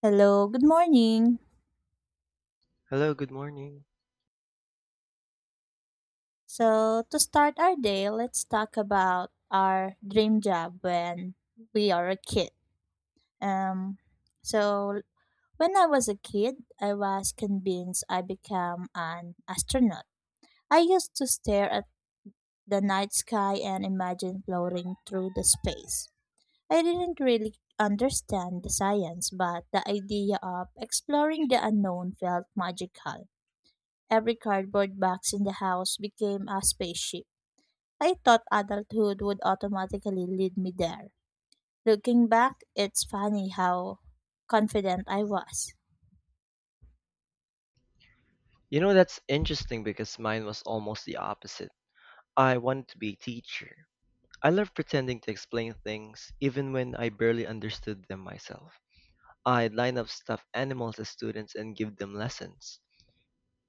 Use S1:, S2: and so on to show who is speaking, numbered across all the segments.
S1: Hello, good morning.
S2: Hello, good morning.
S1: So, to start our day, let's talk about our dream job when we are a kid. Um, so, when I was a kid, I was convinced I become an astronaut. I used to stare at the night sky and imagine floating through the space. I didn't really understand the science, but the idea of exploring the unknown felt magical. Every cardboard box in the house became a spaceship. I thought adulthood would automatically lead me there. Looking back, it's funny how confident I was.
S2: You know, that's interesting because mine was almost the opposite. I wanted to be a teacher. I love pretending to explain things, even when I barely understood them myself. I'd line up stuffed animals as students and give them lessons.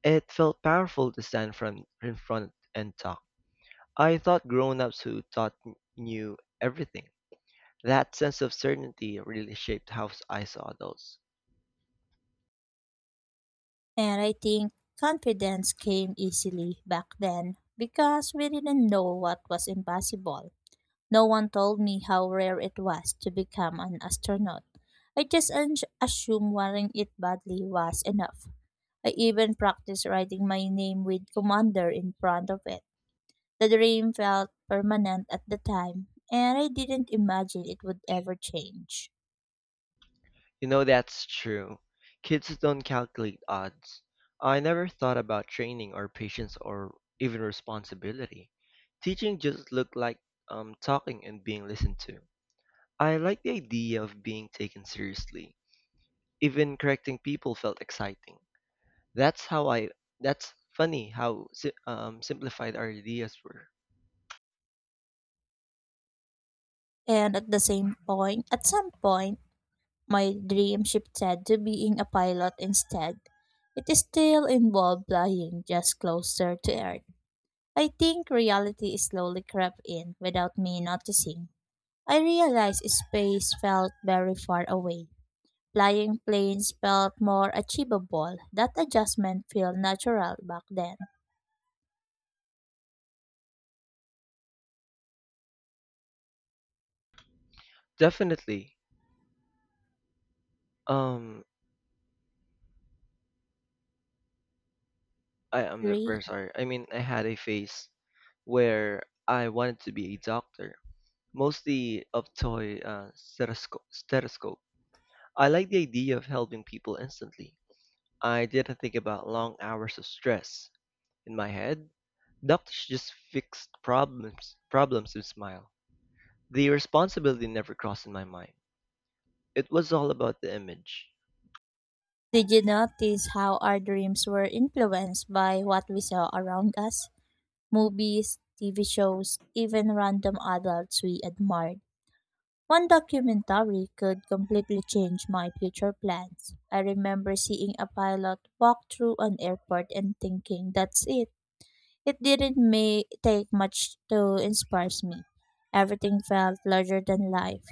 S2: It felt powerful to stand in front and talk. I thought grown ups who taught knew everything. That sense of certainty really shaped how I saw adults.
S1: And I think confidence came easily back then because we didn't know what was impossible. No one told me how rare it was to become an astronaut. I just assumed wanting it badly was enough. I even practiced writing my name with commander in front of it. The dream felt permanent at the time, and I didn't imagine it would ever change.
S2: You know that's true. Kids don't calculate odds. I never thought about training or patience or even responsibility. Teaching just looked like talking and being listened to. I like the idea of being taken seriously. Even correcting people felt exciting. That's how I. That's funny how simplified our ideas were.
S1: And at some point, my dream shifted to being a pilot instead. It still involved flying just closer to Earth. I think reality slowly crept in without me noticing. I realized space felt very far away. Flying planes felt more achievable. That adjustment felt natural back then.
S2: Definitely. Um, I am very
S1: Three.
S2: sorry. I mean, I had a phase where I wanted to be a doctor mostly of toy stethoscope. I like the idea of helping people instantly. I didn't think about long hours of stress. In my head, doctors just fixed problems with smile. The responsibility never crossed in my mind. It was all about the image.
S1: Did you notice how our dreams were influenced by what we saw around us? Movies, TV shows, even random adults we admired. One documentary could completely change my future plans. I remember seeing a pilot walk through an airport and thinking, that's it. It didn't take much to inspire me. Everything felt larger than life.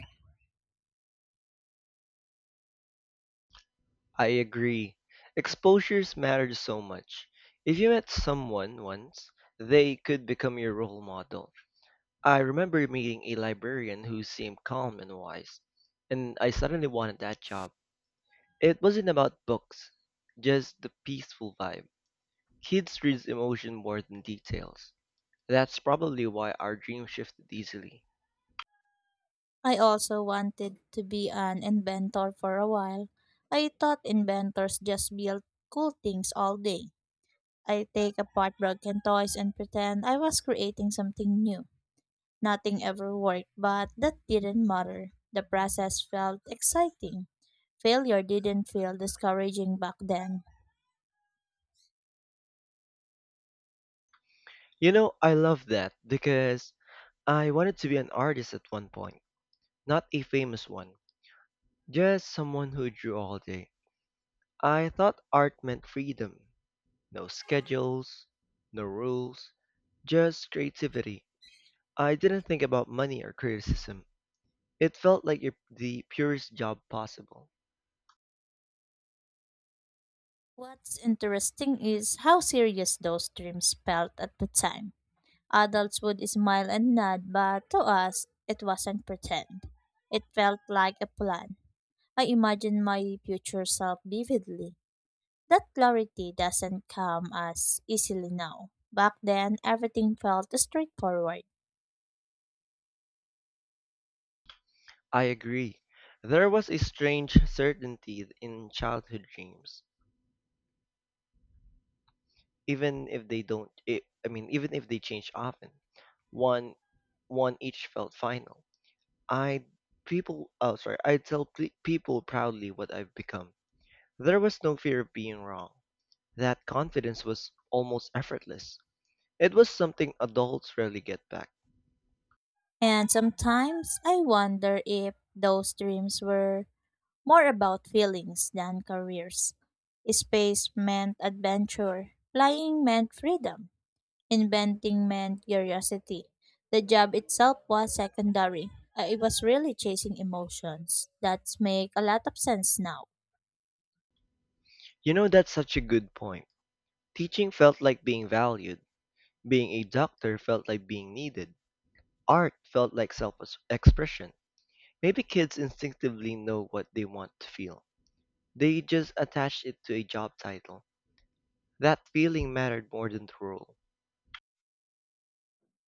S2: I agree. Exposures matter so much. If you met someone once, they could become your role model. I remember meeting a librarian who seemed calm and wise, and I suddenly wanted that job. It wasn't about books, just the peaceful vibe. Kids read emotion more than details. That's probably why our dream shifted easily.
S1: I also wanted to be an inventor for a while. I thought inventors just built cool things all day. I take apart broken toys and pretend I was creating something new. Nothing ever worked, but that didn't matter. The process felt exciting. Failure didn't feel discouraging back then.
S2: You know, I love that because I wanted to be an artist at one point, not a famous one, just someone who drew all day. I thought art meant freedom, no schedules, no rules, just creativity. I didn't think about money or criticism. It felt like the purest job possible.
S1: What's interesting is how serious those dreams felt at the time. Adults would smile and nod, but to us, it wasn't pretend. It felt like a plan. I imagine my future self vividly. That clarity doesn't come as easily now. Back then, everything felt straightforward.
S2: I agree. There was a strange certainty in childhood dreams, even if they don't. I mean, even if they change often, one one each felt final. I people. Oh, sorry. I tell people proudly what I've become. There was no fear of being wrong. That confidence was almost effortless. It was something adults rarely get back.
S1: And sometimes I wonder if those dreams were more about feelings than careers. Space meant adventure, flying meant freedom. Inventing meant curiosity. The job itself was secondary. I was really chasing emotions. That's make a lot of sense now.
S2: You know, that's such a good point. Teaching felt like being valued. Being a doctor felt like being needed. Art felt like self expression. Maybe kids instinctively know what they want to feel. They just attach it to a job title. That feeling mattered more than the role.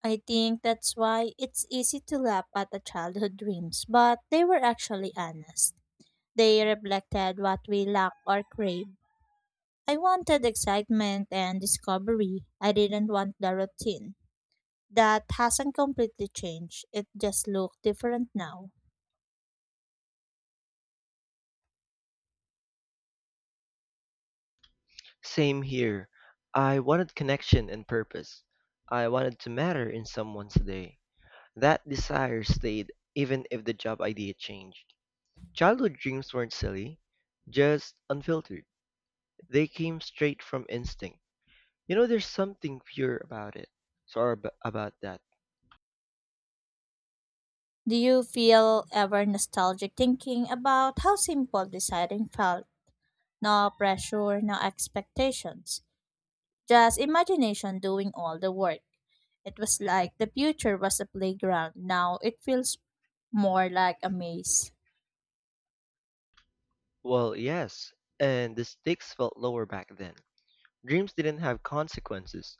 S1: I think that's why it's easy to laugh at the childhood dreams, but they were actually honest. They reflected what we lack or crave. I wanted excitement and discovery. I didn't want the routine. That hasn't completely changed. It just looked different now.
S2: Same here. I wanted connection and purpose. I wanted to matter in someone's day. That desire stayed even if the job idea changed. Childhood dreams weren't silly, just unfiltered. They came straight from instinct. You know, there's something pure about it. Sorry about that.
S1: Do you feel ever nostalgic thinking about how simple deciding felt? No pressure, no expectations. Just imagination doing all the work. It was like the future was a playground. Now it feels more like a maze.
S2: Well, yes, and the stakes felt lower back then. Dreams didn't have consequences.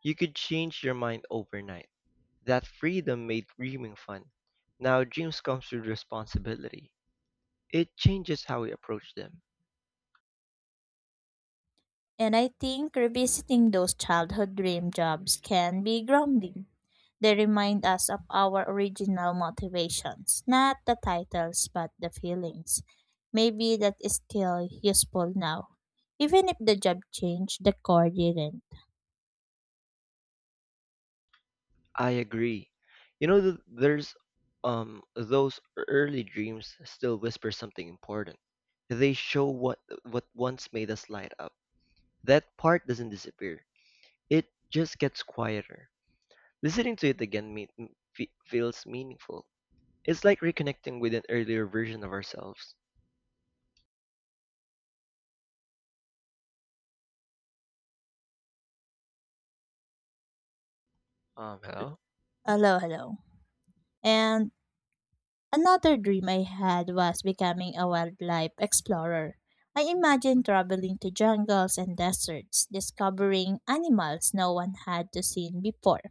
S2: You could change your mind overnight. That freedom made dreaming fun. Now dreams comes with responsibility. It changes how we approach them.
S1: And I think revisiting those childhood dream jobs can be grounding. They remind us of our original motivations, not the titles, but the feelings. Maybe that is still useful now. Even if the job changed, the core didn't.
S2: I agree. You know, there's those early dreams still whisper something important. They show what once made us light up. That part doesn't disappear. It just gets quieter. Listening to it again feels meaningful. It's like reconnecting with an earlier version of ourselves. Hello?
S1: Hello, hello. And another dream I had was becoming a wildlife explorer. I imagined traveling to jungles and deserts, discovering animals no one had to seen before.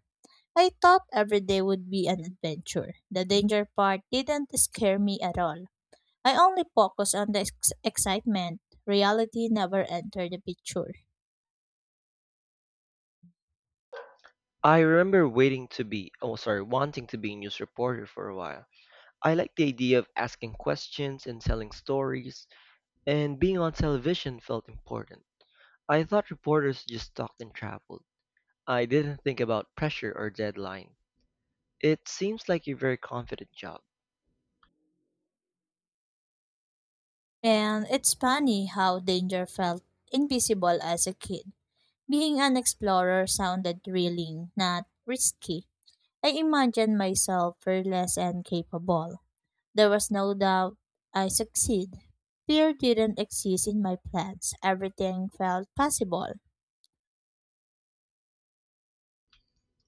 S1: I thought every day would be an adventure. The danger part didn't scare me at all. I only focused on the excitement. Reality never entered the picture.
S2: I remember waiting to be, oh, sorry, wanting to be a news reporter for a while. I liked the idea of asking questions and telling stories, and being on television felt important. I thought reporters just talked and traveled. I didn't think about pressure or deadline. It seems like a very confident job.
S1: And it's funny how danger felt invisible as a kid. Being an explorer sounded thrilling, not risky. I imagined myself fearless and capable. There was no doubt I succeed. Fear didn't exist in my plans. Everything felt possible.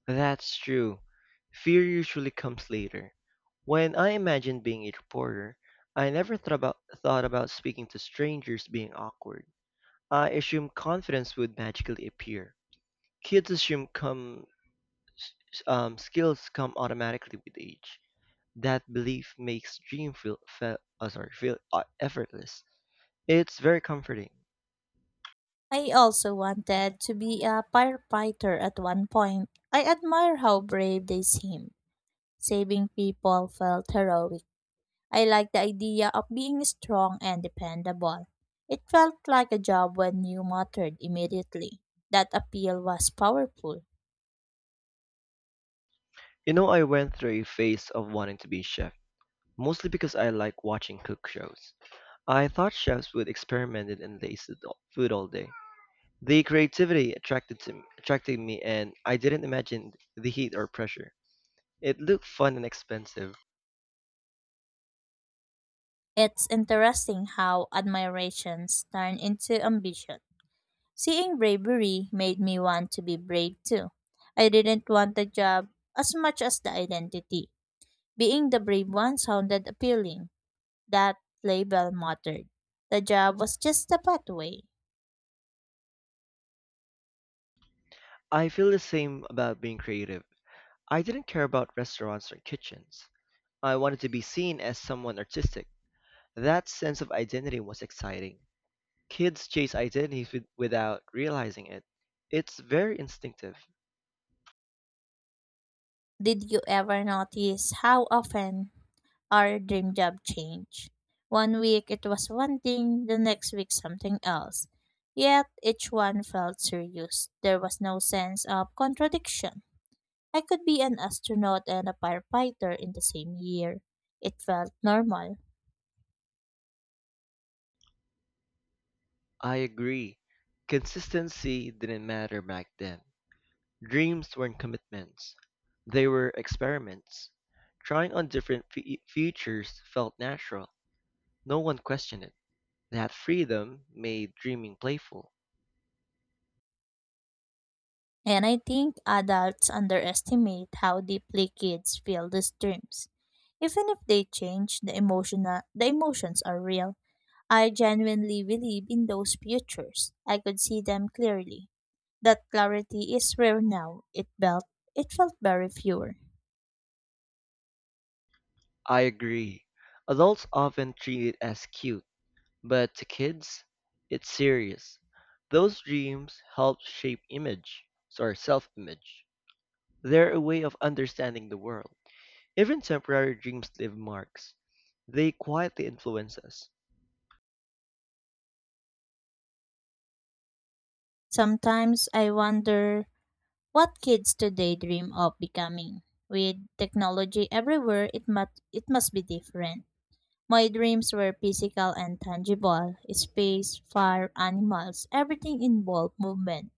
S2: That's true. Fear usually comes later. When I imagined being a reporter, I never thought about speaking to strangers being awkward. I assumed confidence would magically appear. Kids assume come, s- skills come automatically with age. That belief makes dream feel effortless. It's very comforting.
S1: I also wanted to be a firefighter at one point. I admire how brave they seem. Saving people felt heroic. I liked the idea of being strong and dependable. It felt like a job when you mattered immediately. That appeal was powerful.
S2: You know, I went through a phase of wanting to be a chef, mostly because I like watching cook shows. I thought chefs would experiment and food all day. The creativity attracted me, and I didn't imagine the heat or pressure. It looked fun and expensive.
S1: It's interesting how admirations turn into ambition. Seeing bravery made me want to be brave too. I didn't want the job as much as the identity. Being the brave one sounded appealing. That label mattered. The job was just a pathway.
S2: I feel the same about being creative. I didn't care about restaurants or kitchens. I wanted to be seen as someone artistic. That sense of identity was exciting. Kids chase identities without realizing it. It's very instinctive.
S1: Did you ever notice how often our dream job changed? One week it was one thing, the next week something else. Yet each one felt serious. There was no sense of contradiction. I could be an astronaut and a firefighter in the same year. It felt normal.
S2: I agree. Consistency didn't matter back then. Dreams weren't commitments, they were experiments. Trying on different futures felt natural. No one questioned it. That freedom made dreaming playful.
S1: And I think adults underestimate how deeply kids feel these dreams. Even if they change, the emotions are real. I genuinely believe in those futures. I could see them clearly. That clarity is rare now. It felt very pure.
S2: I agree. Adults often treat it as cute, but to kids, it's serious. Those dreams help shape self-image. They're a way of understanding the world. Even temporary dreams leave marks. They quietly influence us.
S1: Sometimes I wonder what kids today dream of becoming. With technology everywhere, it must be different. My dreams were physical and tangible space, fire, animals, everything involved movement.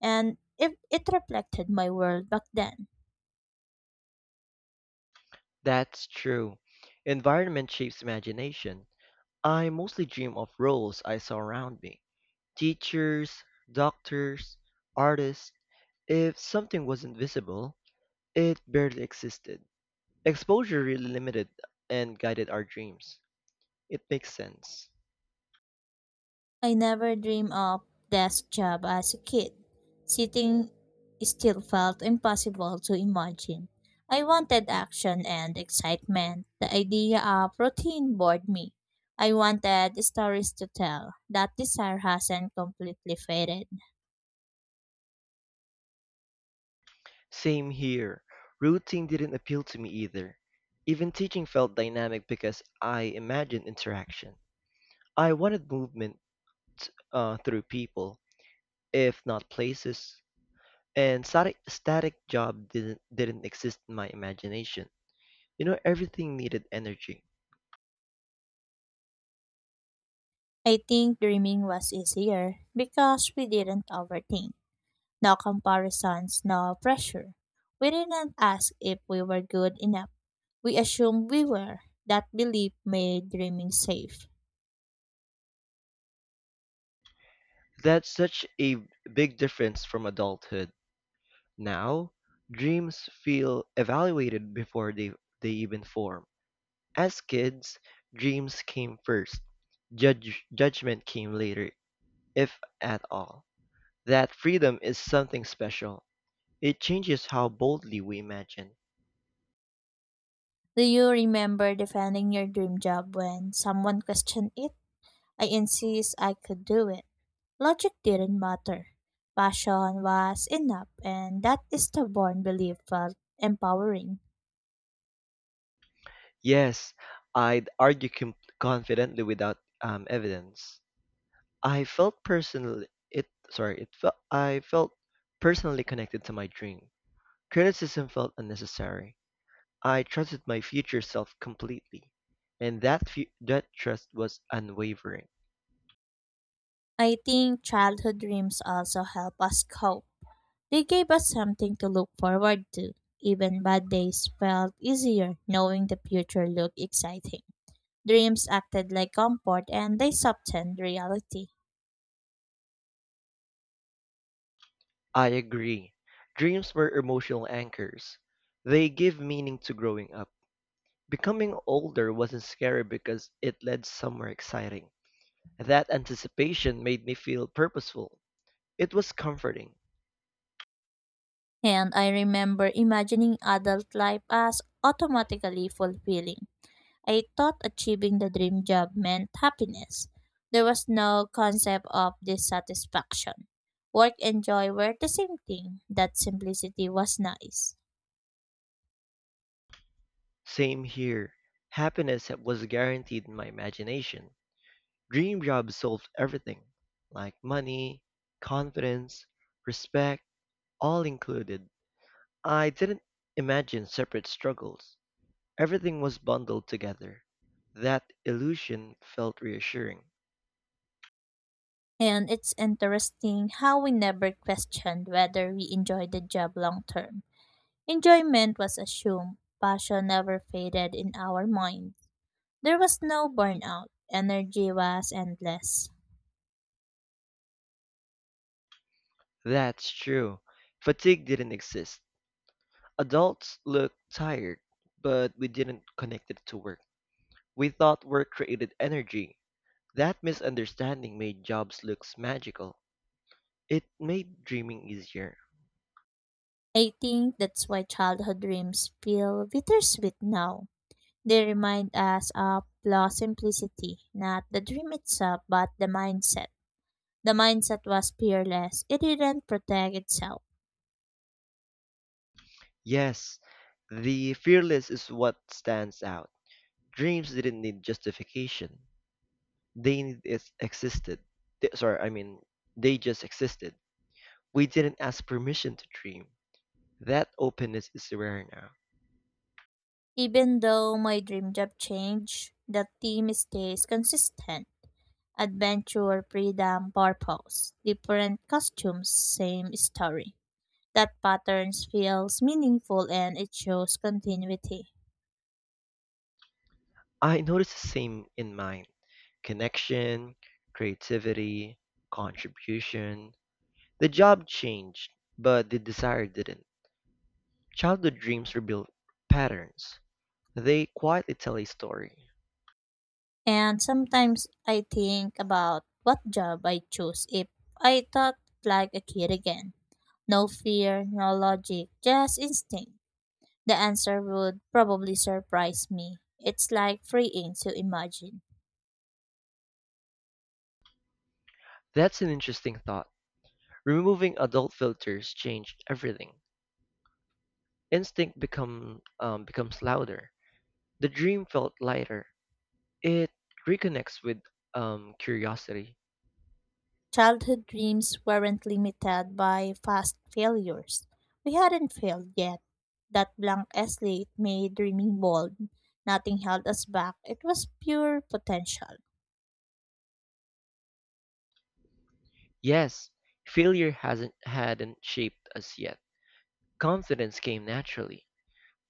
S1: And if it reflected my world back then.
S2: That's true. Environment shapes imagination. I mostly dream of roles I saw around me. Teachers, doctors, artists. If something wasn't visible, it barely existed. Exposure really limited and guided our dreams. It makes sense.
S1: I never dreamed of desk job as a kid. Sitting still felt impossible to imagine. I wanted action and excitement. The idea of routine bored me. I wanted stories to tell. That desire hasn't completely faded.
S2: Same here. Routine didn't appeal to me either. Even teaching felt dynamic because I imagined interaction. I wanted movement through people, if not places, and static job didn't exist in my imagination. You know, everything needed energy.
S1: I think dreaming was easier because we didn't overthink. No comparisons, no pressure. We didn't ask if we were good enough. We assumed we were. That belief made dreaming safe.
S2: That's such a big difference from adulthood. Now, dreams feel evaluated before they even form. As kids, dreams came first. Judgment came later, if at all. That freedom is something special. It changes how boldly we imagine.
S1: Do you remember defending your dream job when someone questioned it? I insist I could do it. Logic didn't matter. Passion was enough, and that stubborn belief felt empowering.
S2: Yes, I'd argue confidently without evidence. I felt personally connected to my dream. Criticism felt unnecessary. I trusted my future self completely, and that trust was unwavering.
S1: I think childhood dreams also help us cope. They gave us something to look forward to. Even bad days felt easier knowing the future looked exciting. Dreams acted like comfort and they softened reality.
S2: I agree. Dreams were emotional anchors. They give meaning to growing up. Becoming older wasn't scary because it led somewhere exciting. That anticipation made me feel purposeful. It was comforting.
S1: And I remember imagining adult life as automatically fulfilling. I thought achieving the dream job meant happiness. There was no concept of dissatisfaction. Work and joy were the same thing. That simplicity was nice.
S2: Same here. Happiness was guaranteed in my imagination. Dream jobs solved everything, like money, confidence, respect, all included. I didn't imagine separate struggles. Everything was bundled together. That illusion felt reassuring.
S1: And it's interesting how we never questioned whether we enjoyed the job long term. Enjoyment was assumed, passion never faded in our minds. There was no burnout, energy was endless.
S2: That's true. Fatigue didn't exist. Adults looked tired, but we didn't connect it to work. We thought work created energy. That misunderstanding made jobs look magical. It made dreaming easier.
S1: I think that's why childhood dreams feel bittersweet now. They remind us of lost simplicity, not the dream itself, but the mindset. The mindset was fearless. It didn't protect itself.
S2: Yes, the fearless is what stands out. Dreams didn't need justification. They need it existed. I mean, they just existed. We didn't ask permission to dream. That openness is rare now.
S1: Even though my dream job changed, the theme stays consistent. Adventure, freedom, purpose. Different costumes, same story. That patterns feels meaningful and it shows continuity.
S2: I notice the same in mine: connection, creativity, contribution. The job changed, but the desire didn't. Childhood dreams reveal patterns, they quietly tell a story.
S1: And sometimes I think about what job I choose if I thought like a kid again. No fear, no logic, just instinct. The answer would probably surprise me. It's like freeing to imagine.
S2: That's an interesting thought. Removing adult filters changed everything. Becomes louder. The dream felt lighter. It reconnects with curiosity.
S1: Childhood dreams weren't limited by past failures. We hadn't failed yet. That blank slate made dreaming bold. Nothing held us back. It was pure potential.
S2: Yes, failure hasn't hadn't shaped us yet. Confidence came naturally.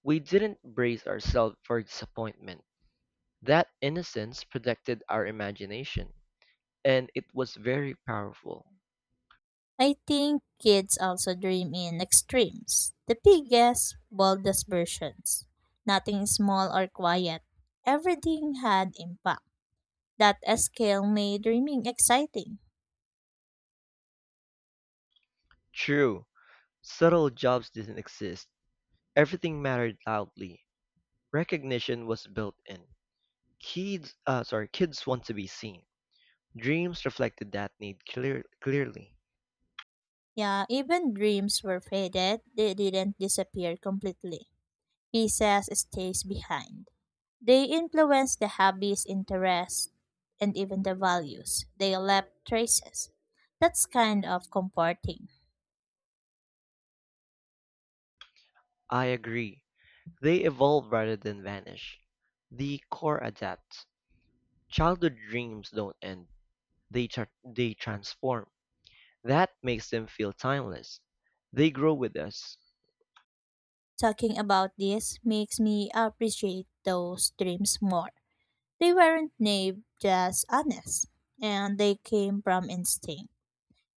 S2: We didn't brace ourselves for disappointment. That innocence protected our imagination, and it was very powerful.
S1: I think kids also dream in extremes, the biggest, boldest versions. Nothing small or quiet. Everything had impact. That scale made dreaming exciting.
S2: True, subtle jobs didn't exist. Everything mattered loudly. Recognition was built in. Kids want to be seen. Dreams reflected that need clearly.
S1: Yeah, even dreams were faded, they didn't disappear completely. Pieces stays behind. They influence the hobbies, interests, and even the values. They left traces. That's kind of comforting.
S2: I agree. They evolve rather than vanish. The core adapts. Childhood dreams don't end. They transform. That makes them feel timeless. They grow with us.
S1: Talking about this makes me appreciate those dreams more. They weren't naive, just honest, and they came from instinct.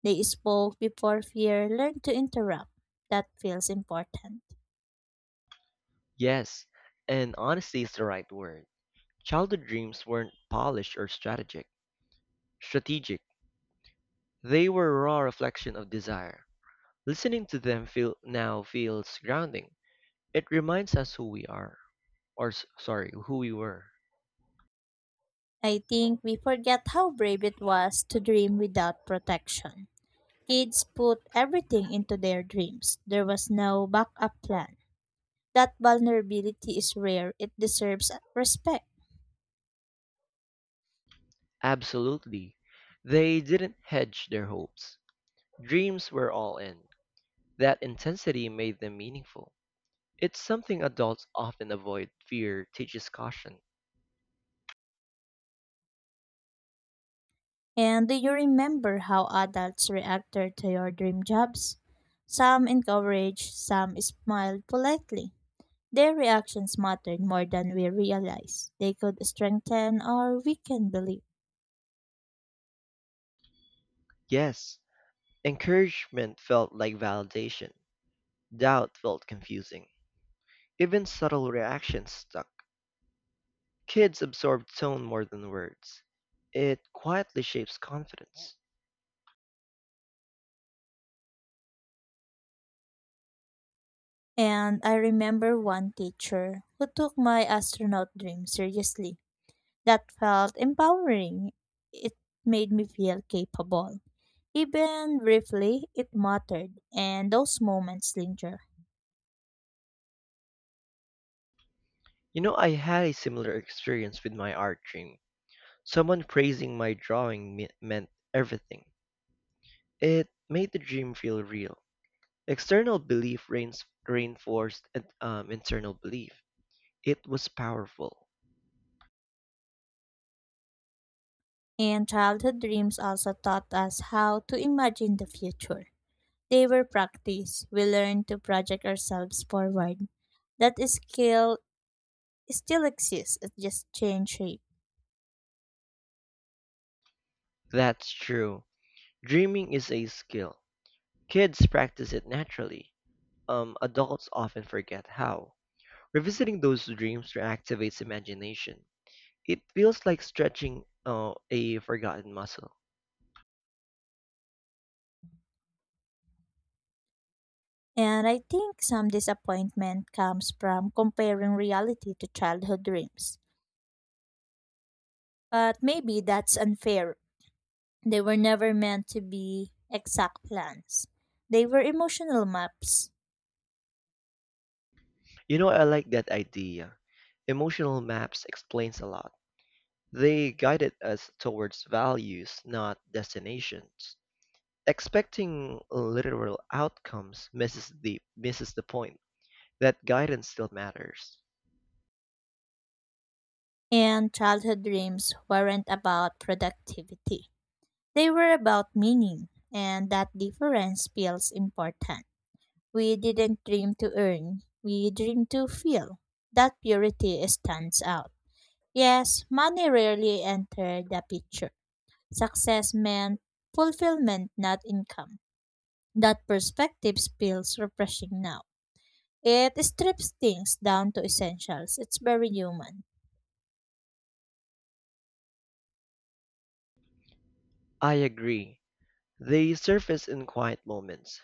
S1: They spoke before fear learned to interrupt. That feels important.
S2: Yes, and honesty is the right word. Childhood dreams weren't polished or strategic. Strategic. They were a raw reflection of desire. Listening to them feel now feels grounding. It reminds us who we are, or s- sorry, who we were.
S1: I think we forget how brave it was to dream without protection. Kids put everything into their dreams. There was no backup plan. That vulnerability is rare. It deserves respect.
S2: Absolutely. They didn't hedge their hopes. Dreams were all in. That intensity made them meaningful. It's something adults often avoid. Fear teaches caution.
S1: And do you remember how adults reacted to your dream jobs? Some encouraged, some smiled politely. Their reactions mattered more than we realized. They could strengthen or weaken belief.
S2: Yes, encouragement felt like validation. Doubt felt confusing. Even subtle reactions stuck. Kids absorb tone more than words. It quietly shapes confidence.
S1: And I remember one teacher who took my astronaut dream seriously. That felt empowering. It made me feel capable. Even briefly, it mattered, and those moments linger.
S2: You know, I had a similar experience with my art dream. Someone praising my drawing meant everything. It made the dream feel real. External belief reinforced internal belief. It was powerful.
S1: And childhood dreams also taught us how to imagine the future. They were practice. We learned to project ourselves forward. That skill still exists, it just changed shape.
S2: That's true. Dreaming is a skill. Kids practice it naturally. Adults often forget how. Revisiting those dreams reactivates imagination. It feels like stretching a forgotten muscle.
S1: And I think some disappointment comes from comparing reality to childhood dreams. But maybe that's unfair. They were never meant to be exact plans. They were emotional maps,
S2: You know, I like that idea. Emotional maps explains a lot. They guided us towards values, not destinations. Expecting literal outcomes misses the point. That guidance still matters.
S1: and childhood dreams weren't about productivity. They were about meaning, and that difference feels important. We didn't dream to earn, we dreamed to feel. That purity stands out. Yes, money rarely entered the picture. Success meant fulfillment, not income. That perspective feels refreshing now. It strips things down to essentials. It's very human.
S2: I agree. They surface in quiet moments,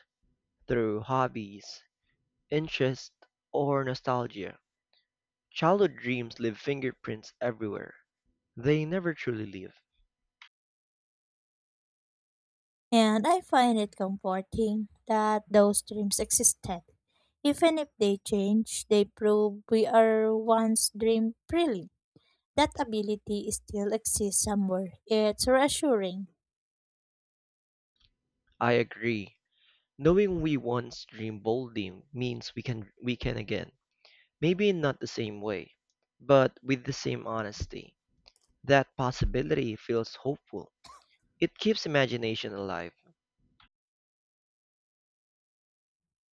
S2: through hobbies, interests, or nostalgia. Childhood dreams leave fingerprints everywhere. They never truly leave.
S1: And I find it comforting that those dreams existed. Even if they change, they prove we are once dreamed freely. That ability still exists somewhere. It's reassuring.
S2: I agree. Knowing we once dreamed boldly means we can again. Maybe not the same way, but with the same honesty. That possibility feels hopeful. It keeps imagination alive.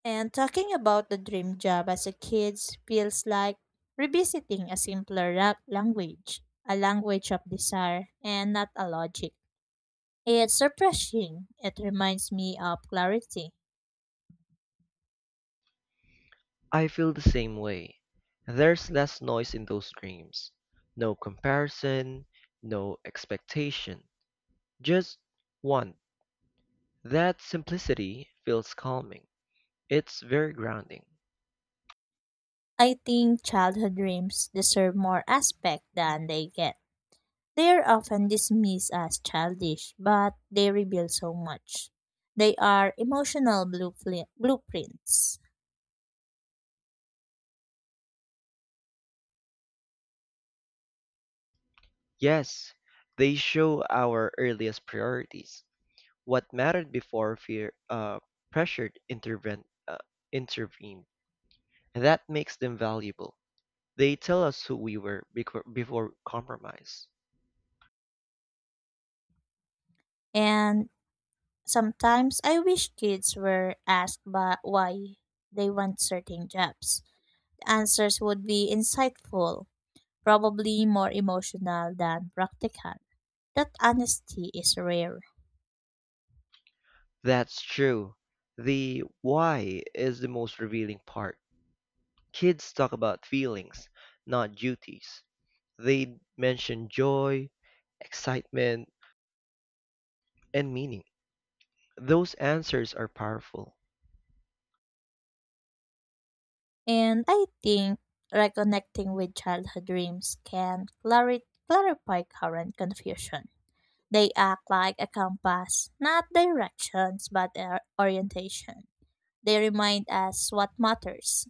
S1: And talking about the dream job as a kid feels like revisiting a simpler language, a language of desire and not a logic. It's refreshing. It reminds me of clarity.
S2: I feel the same way. There's less noise in those dreams. No comparison, no expectation, just one. That simplicity feels calming. It's very grounding.
S1: I think childhood dreams deserve more aspect than they get. They are often dismissed as childish, but they reveal so much. They are emotional blueprints.
S2: Yes, they show our earliest priorities. What mattered before fear pressured intervened. That makes them valuable. They tell us who we were before compromise.
S1: And sometimes I wish kids were asked by why they want certain jobs. The answers would be insightful, probably more emotional than practical. That honesty is rare.
S2: That's true. The why is the most revealing part. Kids talk about feelings, not duties. They mention joy, excitement, and meaning. Those answers are powerful.
S1: And I think reconnecting with childhood dreams can clarify current confusion. They act like a compass, not directions, but their orientation. They remind us what matters.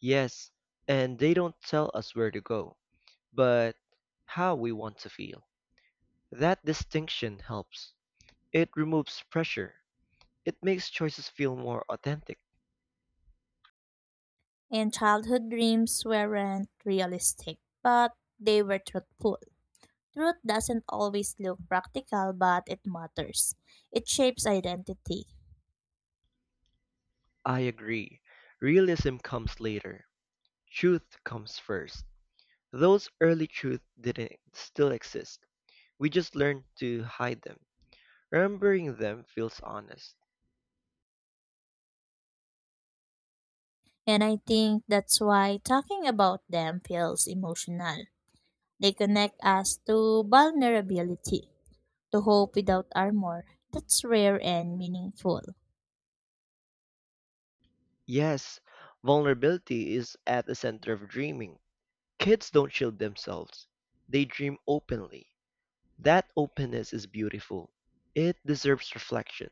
S2: Yes, and they don't tell us where to go, but how we want to feel. That distinction helps. It removes pressure. It makes choices feel more authentic.
S1: And childhood dreams weren't realistic, but they were truthful. Truth doesn't always look practical, but it matters. It shapes identity.
S2: I agree. Realism comes later. Truth comes first. Those early truths didn't still exist. We just learned to hide them. Remembering them feels honest.
S1: And I think that's why talking about them feels emotional. They connect us to vulnerability, to hope without armor. That's rare and meaningful.
S2: Yes, vulnerability is at the center of dreaming. Kids don't shield themselves. They dream openly. That openness is beautiful. It deserves reflection.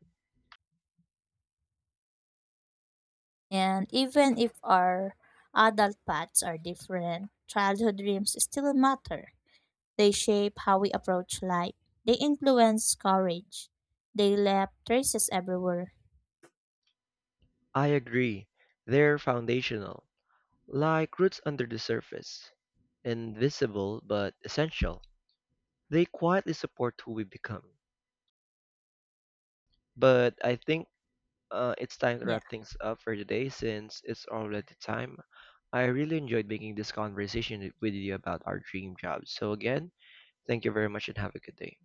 S1: And even if our adult paths are different, childhood dreams still matter. They shape how we approach life. They influence courage. They left traces everywhere.
S2: I agree. They're foundational, like roots under the surface, invisible but essential. They quietly support who we become. But I think it's time to wrap
S1: Yeah.
S2: things up for today since it's already time. I really enjoyed making this conversation with you about our dream jobs. So, again, thank you very much and have a good day.